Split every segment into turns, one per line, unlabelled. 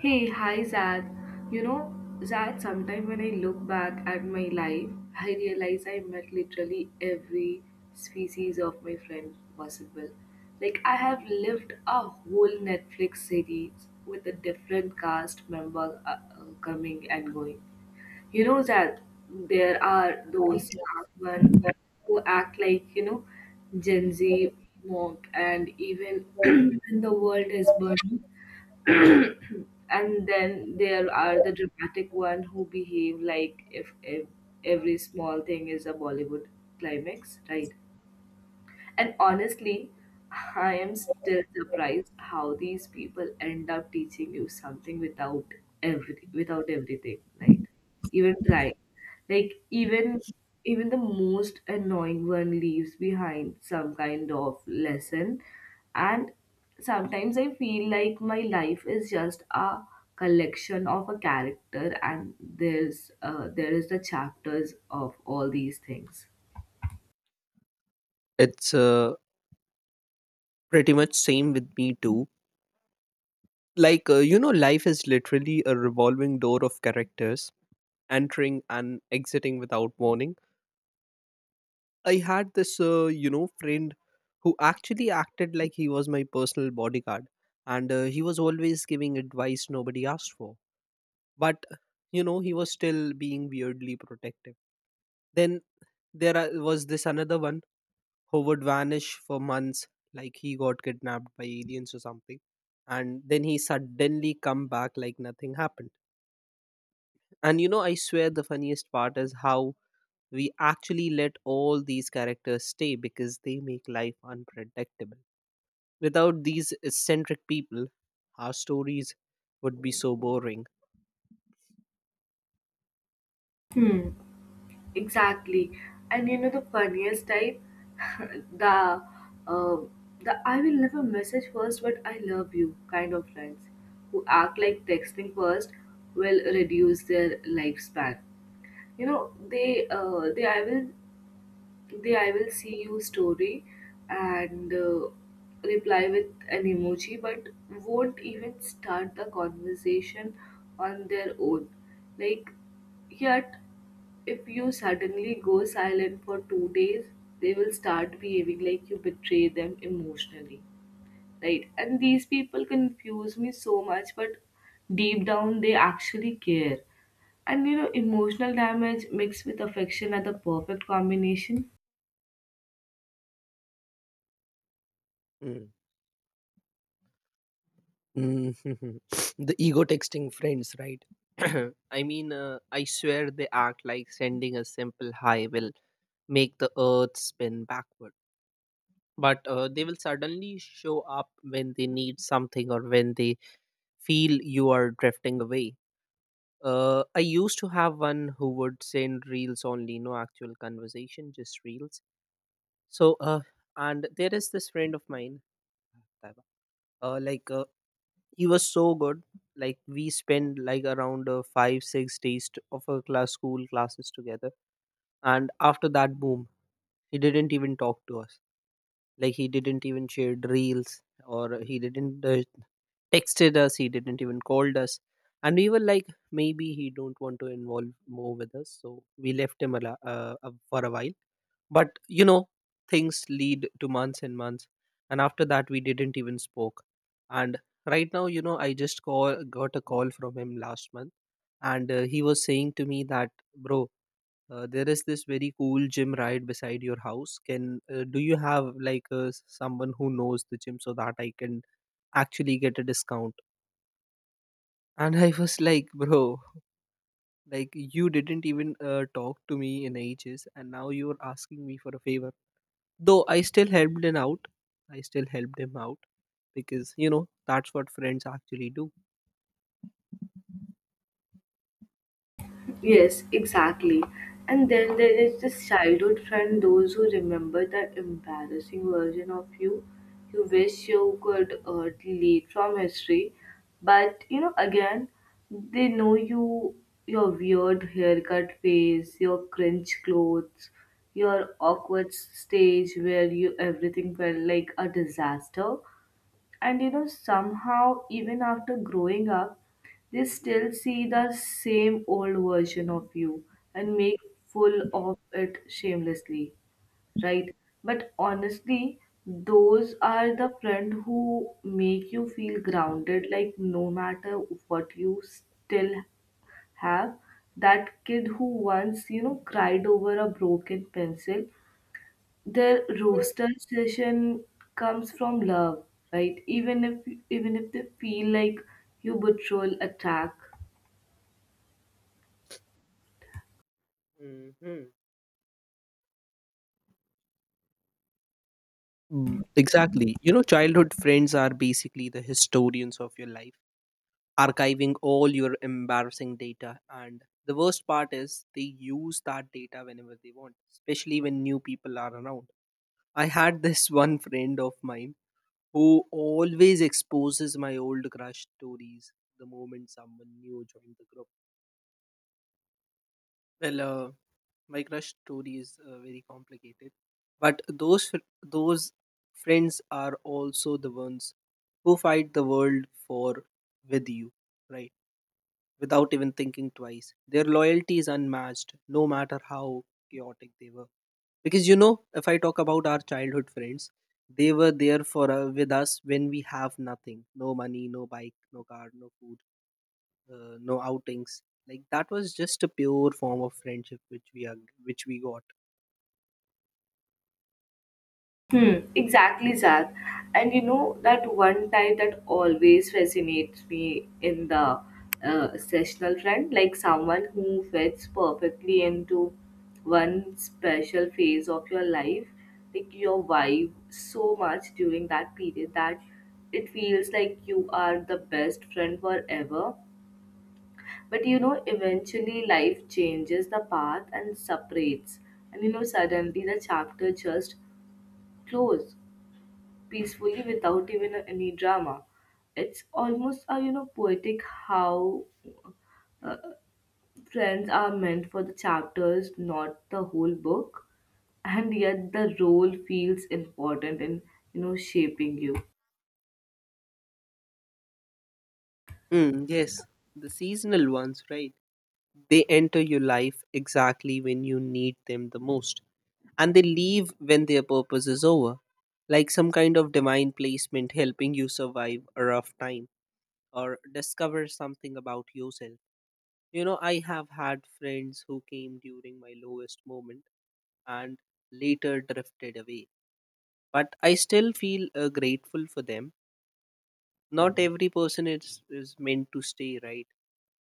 Hey, hi Zad. You know, Zad, sometime when I look back at my life, I realize I met literally every species of my friend possible. Like, I have lived a whole Netflix series with a different cast member coming and going. You know, Zad, there are those one who act like, you know, Gen Z monk, and even when the world is burning and then there are the dramatic one who behave like if every small thing is a Bollywood climax, right? And honestly, I am still surprised how these people end up teaching you something without every without everything, right? Even trying. Like even the most annoying one leaves behind some kind of lesson, and sometimes I feel like my life is just a collection of a character and there is the chapters of all these things.
It's Pretty much same with me too. Like, life is literally a revolving door of characters entering and exiting without warning. I had this friend who actually acted like he was my personal bodyguard, and he was always giving advice nobody asked for. But he was still being weirdly protective. Then there was this another one who would vanish for months, like he got kidnapped by aliens or something, and then he suddenly come back like nothing happened. And I swear the funniest part is how we actually let all these characters stay because they make life unpredictable. Without these eccentric people, our stories would be so boring.
Hmm. Exactly. And you know the funniest type? the uh, the I will never message first but I love you kind of friends who act like texting first will reduce their lifespan. You know, they I will they I will see you story and reply with an emoji but won't even start the conversation on their own. Like yet if you suddenly go silent for 2 days, they will start behaving like you betray them emotionally, right? And these people confuse me so much, but deep down they actually care. And you know, emotional damage mixed with affection are the perfect combination.
Mm. Mhm. the ego texting friends, right? I mean, I swear they act like sending a simple hi will make the earth spin backward, but they will suddenly show up when they need something or when they feel you are drifting away. I used to have one who would send reels only, no actual conversation, just reels. so uh, and there is this friend of mine, Taiba. uh, like uh, he was so good. We spent like around five six days of our class school classes together, and after that, boom, he didn't even talk to us. Like, he didn't even share reels or he didn't texted us, he didn't even called us. And we were like, maybe he don't want to involve more with us, so we left him for a while. But you know, things lead to months and months, and after that we didn't even spoke. And right now, you know, I just call got a call from him last month, and he was saying to me that, bro, there is this very cool gym right beside your house. Can do you have like someone who knows the gym so that I can actually get a discount? And I was like, bro, like, you didn't even talk to me in ages and now you're asking me for a favor. Though I still helped him out, because you know that's what friends actually do.
Yes, exactly. And then there is this childhood friend, those who remember the embarrassing version of you you wish you could delete from history. But you know, again, they know you, your weird haircut face, your cringe clothes, your awkward stage where you everything felt like a disaster. And you know, somehow, even after growing up, they still see the same old version of you and make full of it shamelessly, right? But honestly, those are the friend who make you feel grounded, like no matter what you still have. That kid who once, you know, cried over a broken pencil, the roaster session comes from love, right? Even if they feel like you betrayal attack.
Hmm. Mm, exactly, you know childhood friends are basically the historians of your life, archiving all your embarrassing data. And the worst part is they use that data whenever they want, especially when new people are around. I had this one friend of mine who always exposes my old crush stories the moment someone new joined the group. Well, uh, my crush story is very complicated, but those friends are also the ones who fight the world for with you, right? Without even thinking twice. Their loyalty is unmatched, no matter how chaotic they were. Because you know, if I talk about our childhood friends, they were there for with us when we have nothing, no money, no bike, no car, no food, no outings. Like that was just a pure form of friendship which which we got.
Hmm, exactly, Zach. And you know that one type that always fascinates me in the sessional friend, like someone who fits perfectly into one special phase of your life, like your vibe so much during that period that it feels like you are the best friend forever. But you know, eventually life changes the path and separates. And you know, suddenly the chapter just closes peacefully without even any drama. It's almost a you know poetic how friends are meant for the chapters, not the whole book. And yet the role feels important in you know shaping you.
Mm, yes, the seasonal ones, right? They enter your life exactly when you need them the most, and they leave when their purpose is over, like some kind of divine placement helping you survive a rough time or discover something about yourself. You know, I have had friends who came during my lowest moment and later drifted away, but I still feel grateful for them. Not every person is meant to stay, right?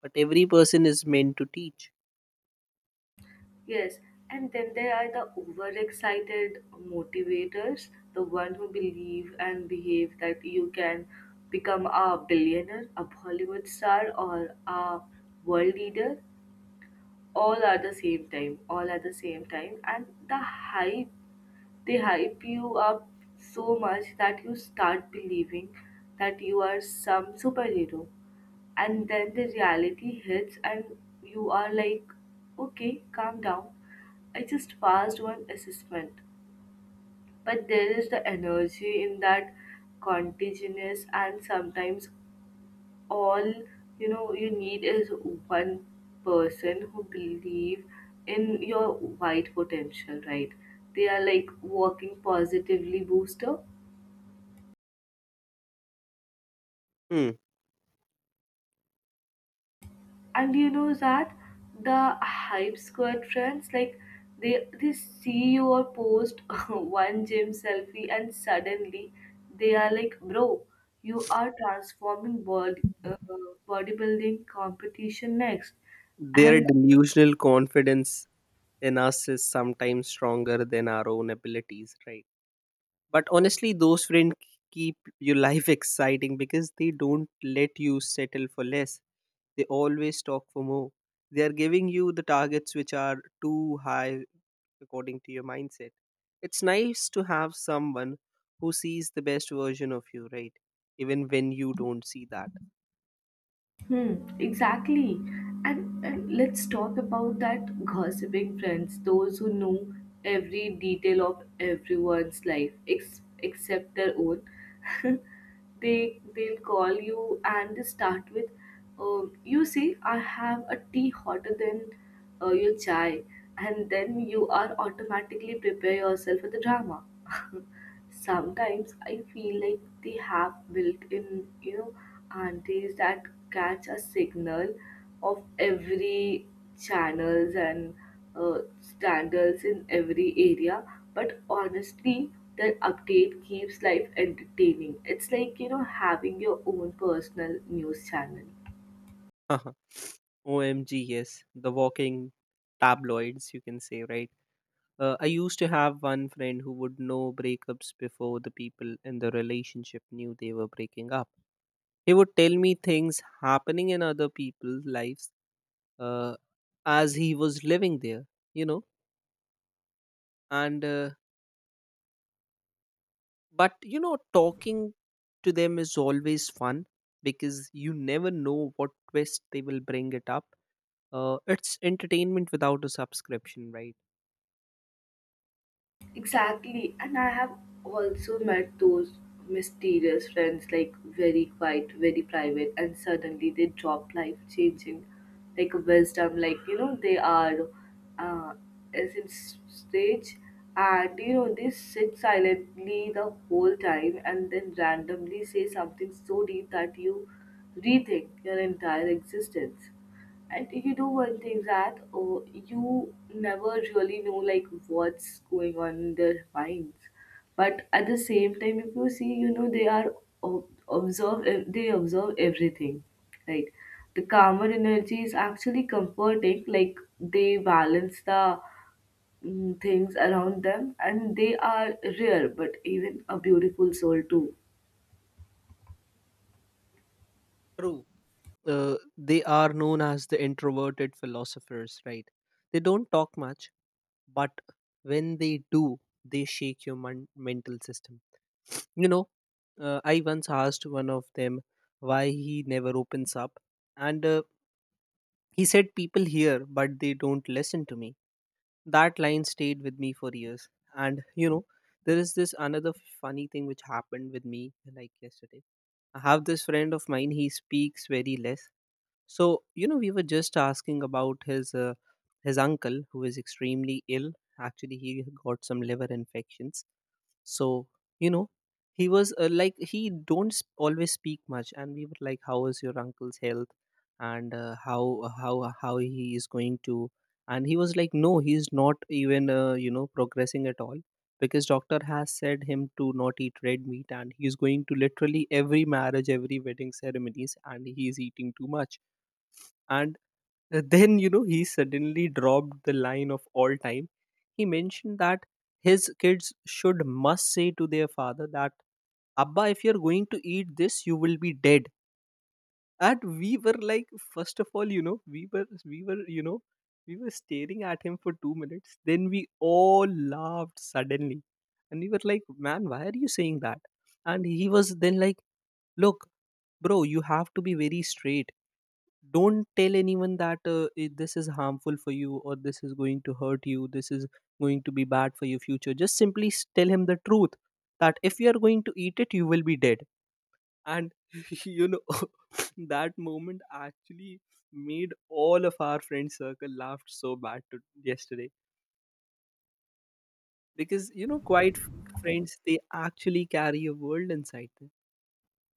But every person is meant to teach.
Yes, and then there are the overexcited motivators, the one who believe and behave that you can become a billionaire, a Bollywood star, or a world leader. All are the same time, all at the same time, and the hype they hype you up so much that you start believing that you are some superhero, and then the reality hits and you are like okay, calm down, I just passed one assessment, but there is the energy in that contagious, and sometimes all you know you need is one person who believe in your wide potential, right? They are like working positively booster.
Hmm.
And you know that the hype squad friends, like they see your post one gym selfie and suddenly they are like bro, you are transforming bodybuilding competition next.
Their
And
delusional confidence in us is sometimes stronger than our own abilities, right? But honestly, those friends keep your life exciting because they don't let you settle for less. They always talk for more. They are giving you the targets which are too high according to your mindset. It's nice to have someone who sees the best version of you, right? Even when you don't see that.
hmm, exactly. And let's talk about that gossiping friends, those who know every detail of everyone's life ex- except their own. They'll call you and they start with, you see, I have a tea hotter than your chai, and then you are automatically prepare yourself for the drama. Sometimes I feel like they have built in, you know, aunties that catch a signal of every channels and standards in every area. But honestly, their update keeps life entertaining. It's like you know having your own personal news channel.
omg, yes, the walking tabloids, you can say, right? I used to have one friend who would know breakups before the people in the relationship knew they were breaking up. He would tell me things happening in other people's lives, uh, as he was living there, you know. And But you know, talking to them is always fun because you never know what twist they will bring it up. It's entertainment without a subscription, right?
Exactly, and I have also met those mysterious friends, like very quiet, very private, and suddenly they drop life changing, like wisdom, like you know, they are uh, as in s- stage, and you know, they sit silently the whole time and then randomly say something so deep that you rethink your entire existence. And you know one thing that you never really know like what's going on in their minds, but at the same time, if you see, you know they are they observe everything, right? The calmer energy is actually comforting. Like they balance the things around them, and they are rare, but even a beautiful soul too.
True. They are known as the introverted philosophers, right? They don't talk much, but when they do, they shake your mental system. You know, I once asked one of them why he never opens up, and he said, people hear, but they don't listen to me. That line stayed with me for years. And you know, there is this another funny thing which happened with me like yesterday. I have this friend of mine, he speaks very less, so you know, we were just asking about his uncle who is extremely ill. Actually, he got some liver infections. So you know, he was like he don't always speak much, and we were like, "How is your uncle's health?" And how he is going to? And he was like, "No, he's not even progressing at all." Because doctor has said him to not eat red meat, and he's going to literally every marriage, every wedding ceremonies, and he's eating too much. And then, you know, he suddenly dropped the line of all time. He mentioned that his kids should must say to their father that, abba, if you're going to eat this, you will be dead. And we were like, first of all, you know, we were, we were staring at him for 2 minutes. Then we all laughed suddenly, and we were like, man, why are you saying that? And he was then like, look bro, you have to be very straight. Don't tell anyone that this is harmful for you or this is going to hurt you, this is going to be bad for your future. Just simply tell him the truth, that if you are going to eat it, you will be dead. And you know, that moment actually made all of our friend circle laughed so bad to yesterday, because you know, quite friends, they actually carry a world inside them.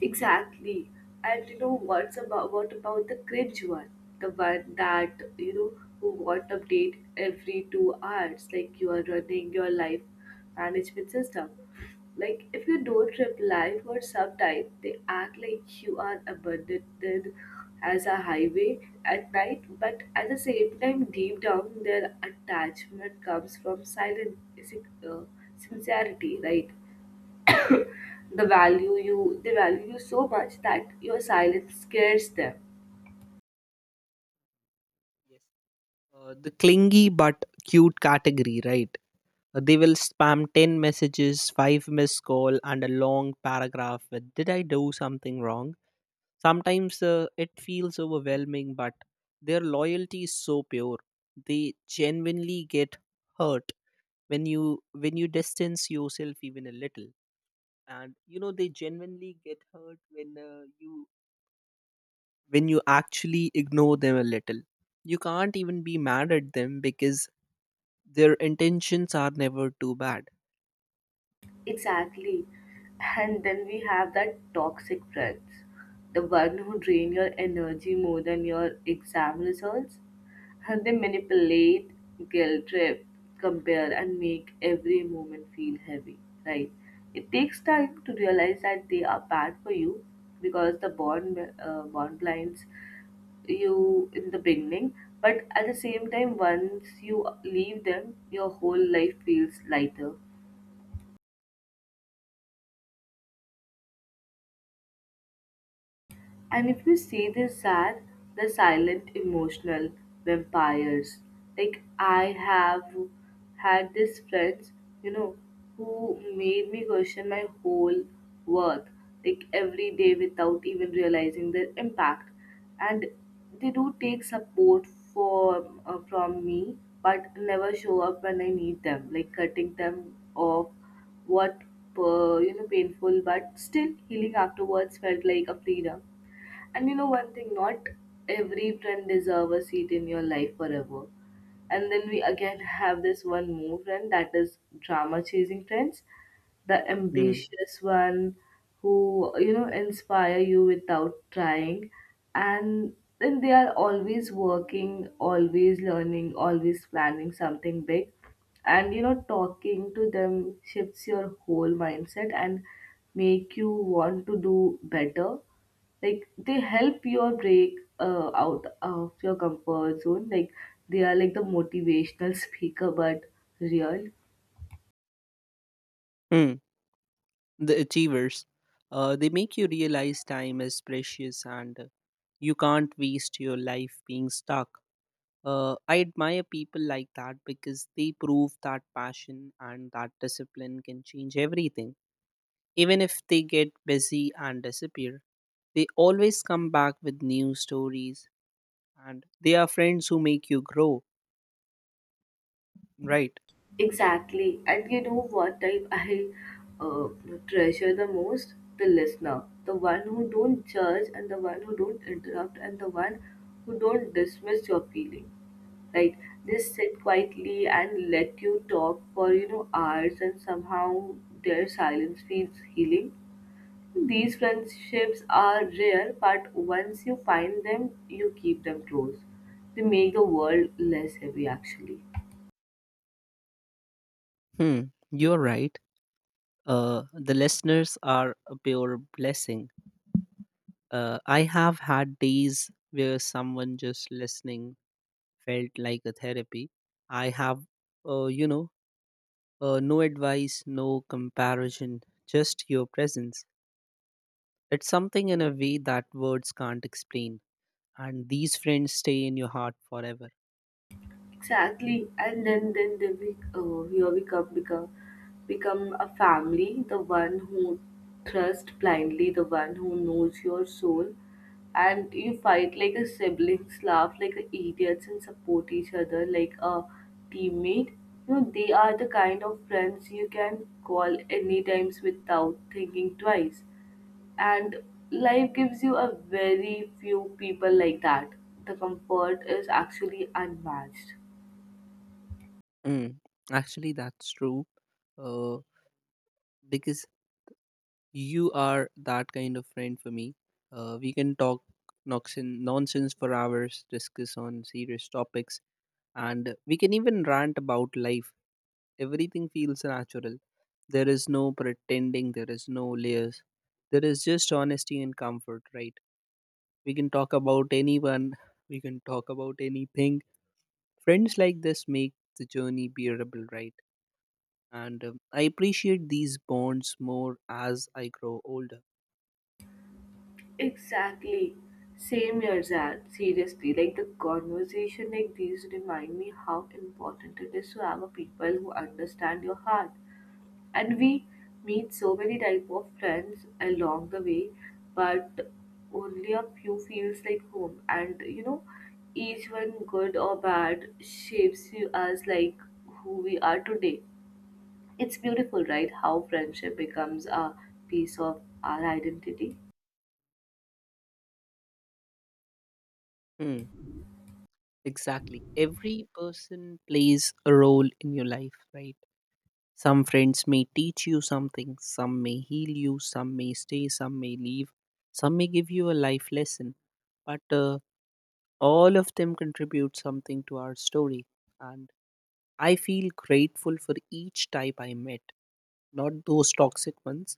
Exactly. And you know what's about what about the cringe one? The one that you know who want update every 2 hours, like you are running your life management system. Like if you don't reply for some time, they act like you are abandoned as a highway at night, but at the same time, deep down, their attachment comes from silent is it, uh, sincerity, right? The value you they value you so much that your silence scares them.
Yes, the clingy but cute category, right? They will spam 10 messages, 5 missed call and a long paragraph with, did I do something wrong? Sometimes it feels overwhelming, but their loyalty is so pure. They genuinely get hurt when you distance yourself even a little, and you know they genuinely get hurt when you when you actually ignore them a little. You can't even be mad at them because their intentions are never too bad.
Exactly. And then we have that toxic friends. The one who drain your energy more than your exam results. And they manipulate, guilt trip, compare and make every moment feel heavy, right? It takes time to realize that they are bad for you because the bond blinds you in the beginning, but at the same time, once you leave them, your whole life feels lighter. And if you say they're sad, they're silent, emotional vampires. Like I have had these friends, you know, who made me question my whole worth, like every day without even realizing their impact. And they do take support for from me, but never show up when I need them. Like cutting them off, what you know, painful, but still healing afterwards felt like a freedom. And you know one thing, not every friend deserve a seat in your life forever. And then we again have this one more friend that is drama chasing friends, the
Mm.
ambitious one who you know inspire you without trying, and then they are always working, always learning, always planning something big, and you know talking to them shifts your whole mindset and make you want to do better, like they help your break out of your comfort zone, like they are like the motivational speaker but real.
Mm. The achievers, they make you realize time is precious, and you can't waste your life being stuck. I admire people like that because they prove that passion and that discipline can change everything. Even if they get busy and disappear, they always come back with new stories, and they are friends who make you grow, right?
Exactly, and you know what type I uh, treasure the most, the listener, the one who don't judge, and the one who don't interrupt, and the one who don't dismiss your feeling, right? They sit quietly and let you talk for you know hours, and somehow their silence feels healing. These friendships are rare, but once you find them, you keep them close. They make the world less heavy, actually.
Hmm, you're right. The listeners are a pure blessing. I have had days where someone just listening felt like a therapy. I have, uh, you know, no advice, no comparison, just your presence. It's something in a way that words can't explain. And these friends stay in your heart forever.
Exactly, and then they be, here we come become a family. The one who trusts blindly, the one who knows your soul, and you fight like a siblings, laugh like a idiots, and support each other like a teammate. You know they are the kind of friends you can call any times without thinking twice, and life gives you a very few people like that. The comfort is actually unmatched.
Mm, actually, that's true. Uh, because you are that kind of friend for me. We can talk nonsense for hours, discuss on serious topics, and we can even rant about life. Everything feels natural. There is no pretending, there is no layers. There is just honesty and comfort, right? We can talk about anyone, we can talk about anything. Friends like this make the journey bearable, right? And I appreciate these bonds more as I grow older.
Exactly. Same here, Zan. Seriously, like the conversation like these remind me how important it is to have a people who understand your heart. And we meet so many type of friends along the way, but only a few feels like home. And you know, each one good or bad shapes you as like who we are today. It's beautiful, right? How friendship becomes a piece of our identity.
Hmm, exactly. Every person plays a role in your life, right? Some friends may teach you something, some may heal you, some may stay, some may leave, some may give you a life lesson. But all of them contribute something to our story. And I feel grateful for each type I met, not those toxic ones.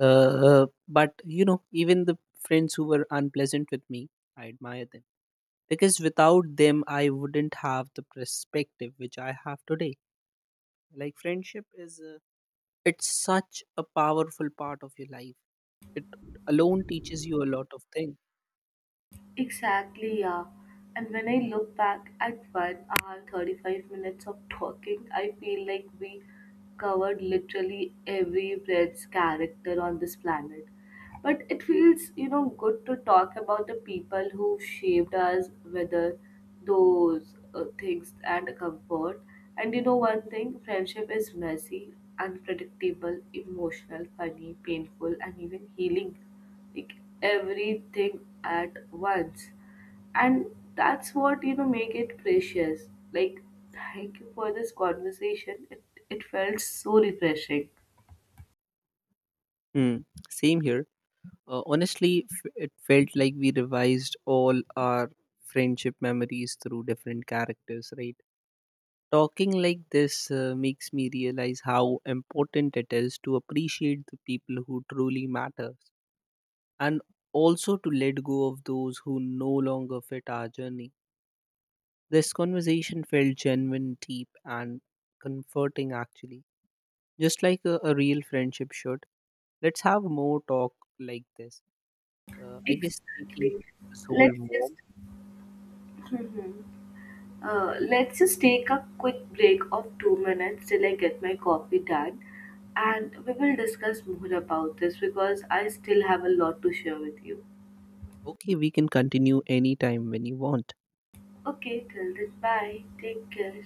Uh, but you know, even the friends who were unpleasant with me, I admire them. Because without them, I wouldn't have the perspective which I have today. Like, friendship is. It's such a powerful part of your life. It alone teaches you a lot of things.
Exactly, yeah. And when I look back at 1 hour, 35 minutes of talking, I feel like we covered literally every Brad's character on this planet. But it feels, you know, good to talk about the people who shaped us, whether those things and comfort. And you know, one thing friendship is messy, unpredictable, emotional, funny, painful, and even healing, like everything at once, and that's what you know make it precious. Like thank you for this conversation, it felt so refreshing.
Hmm. Same here. Honestly, it felt like we revised all our friendship memories through different characters, right? Talking like this makes me realize how important it is to appreciate the people who truly matter, and also to let go of those who no longer fit our journey. This conversation felt genuine, deep, and comforting actually. Just like a real friendship should. Let's have more talk like this. I guess we keep
Exactly,
the soul
let's just
warm.
Mhm. Let's just take a quick break of 2 minutes till I get my coffee done, and we will discuss more about this because I still have a lot to share with you.
Okay, we can continue anytime when you want.
Okay, till then, bye. Take care.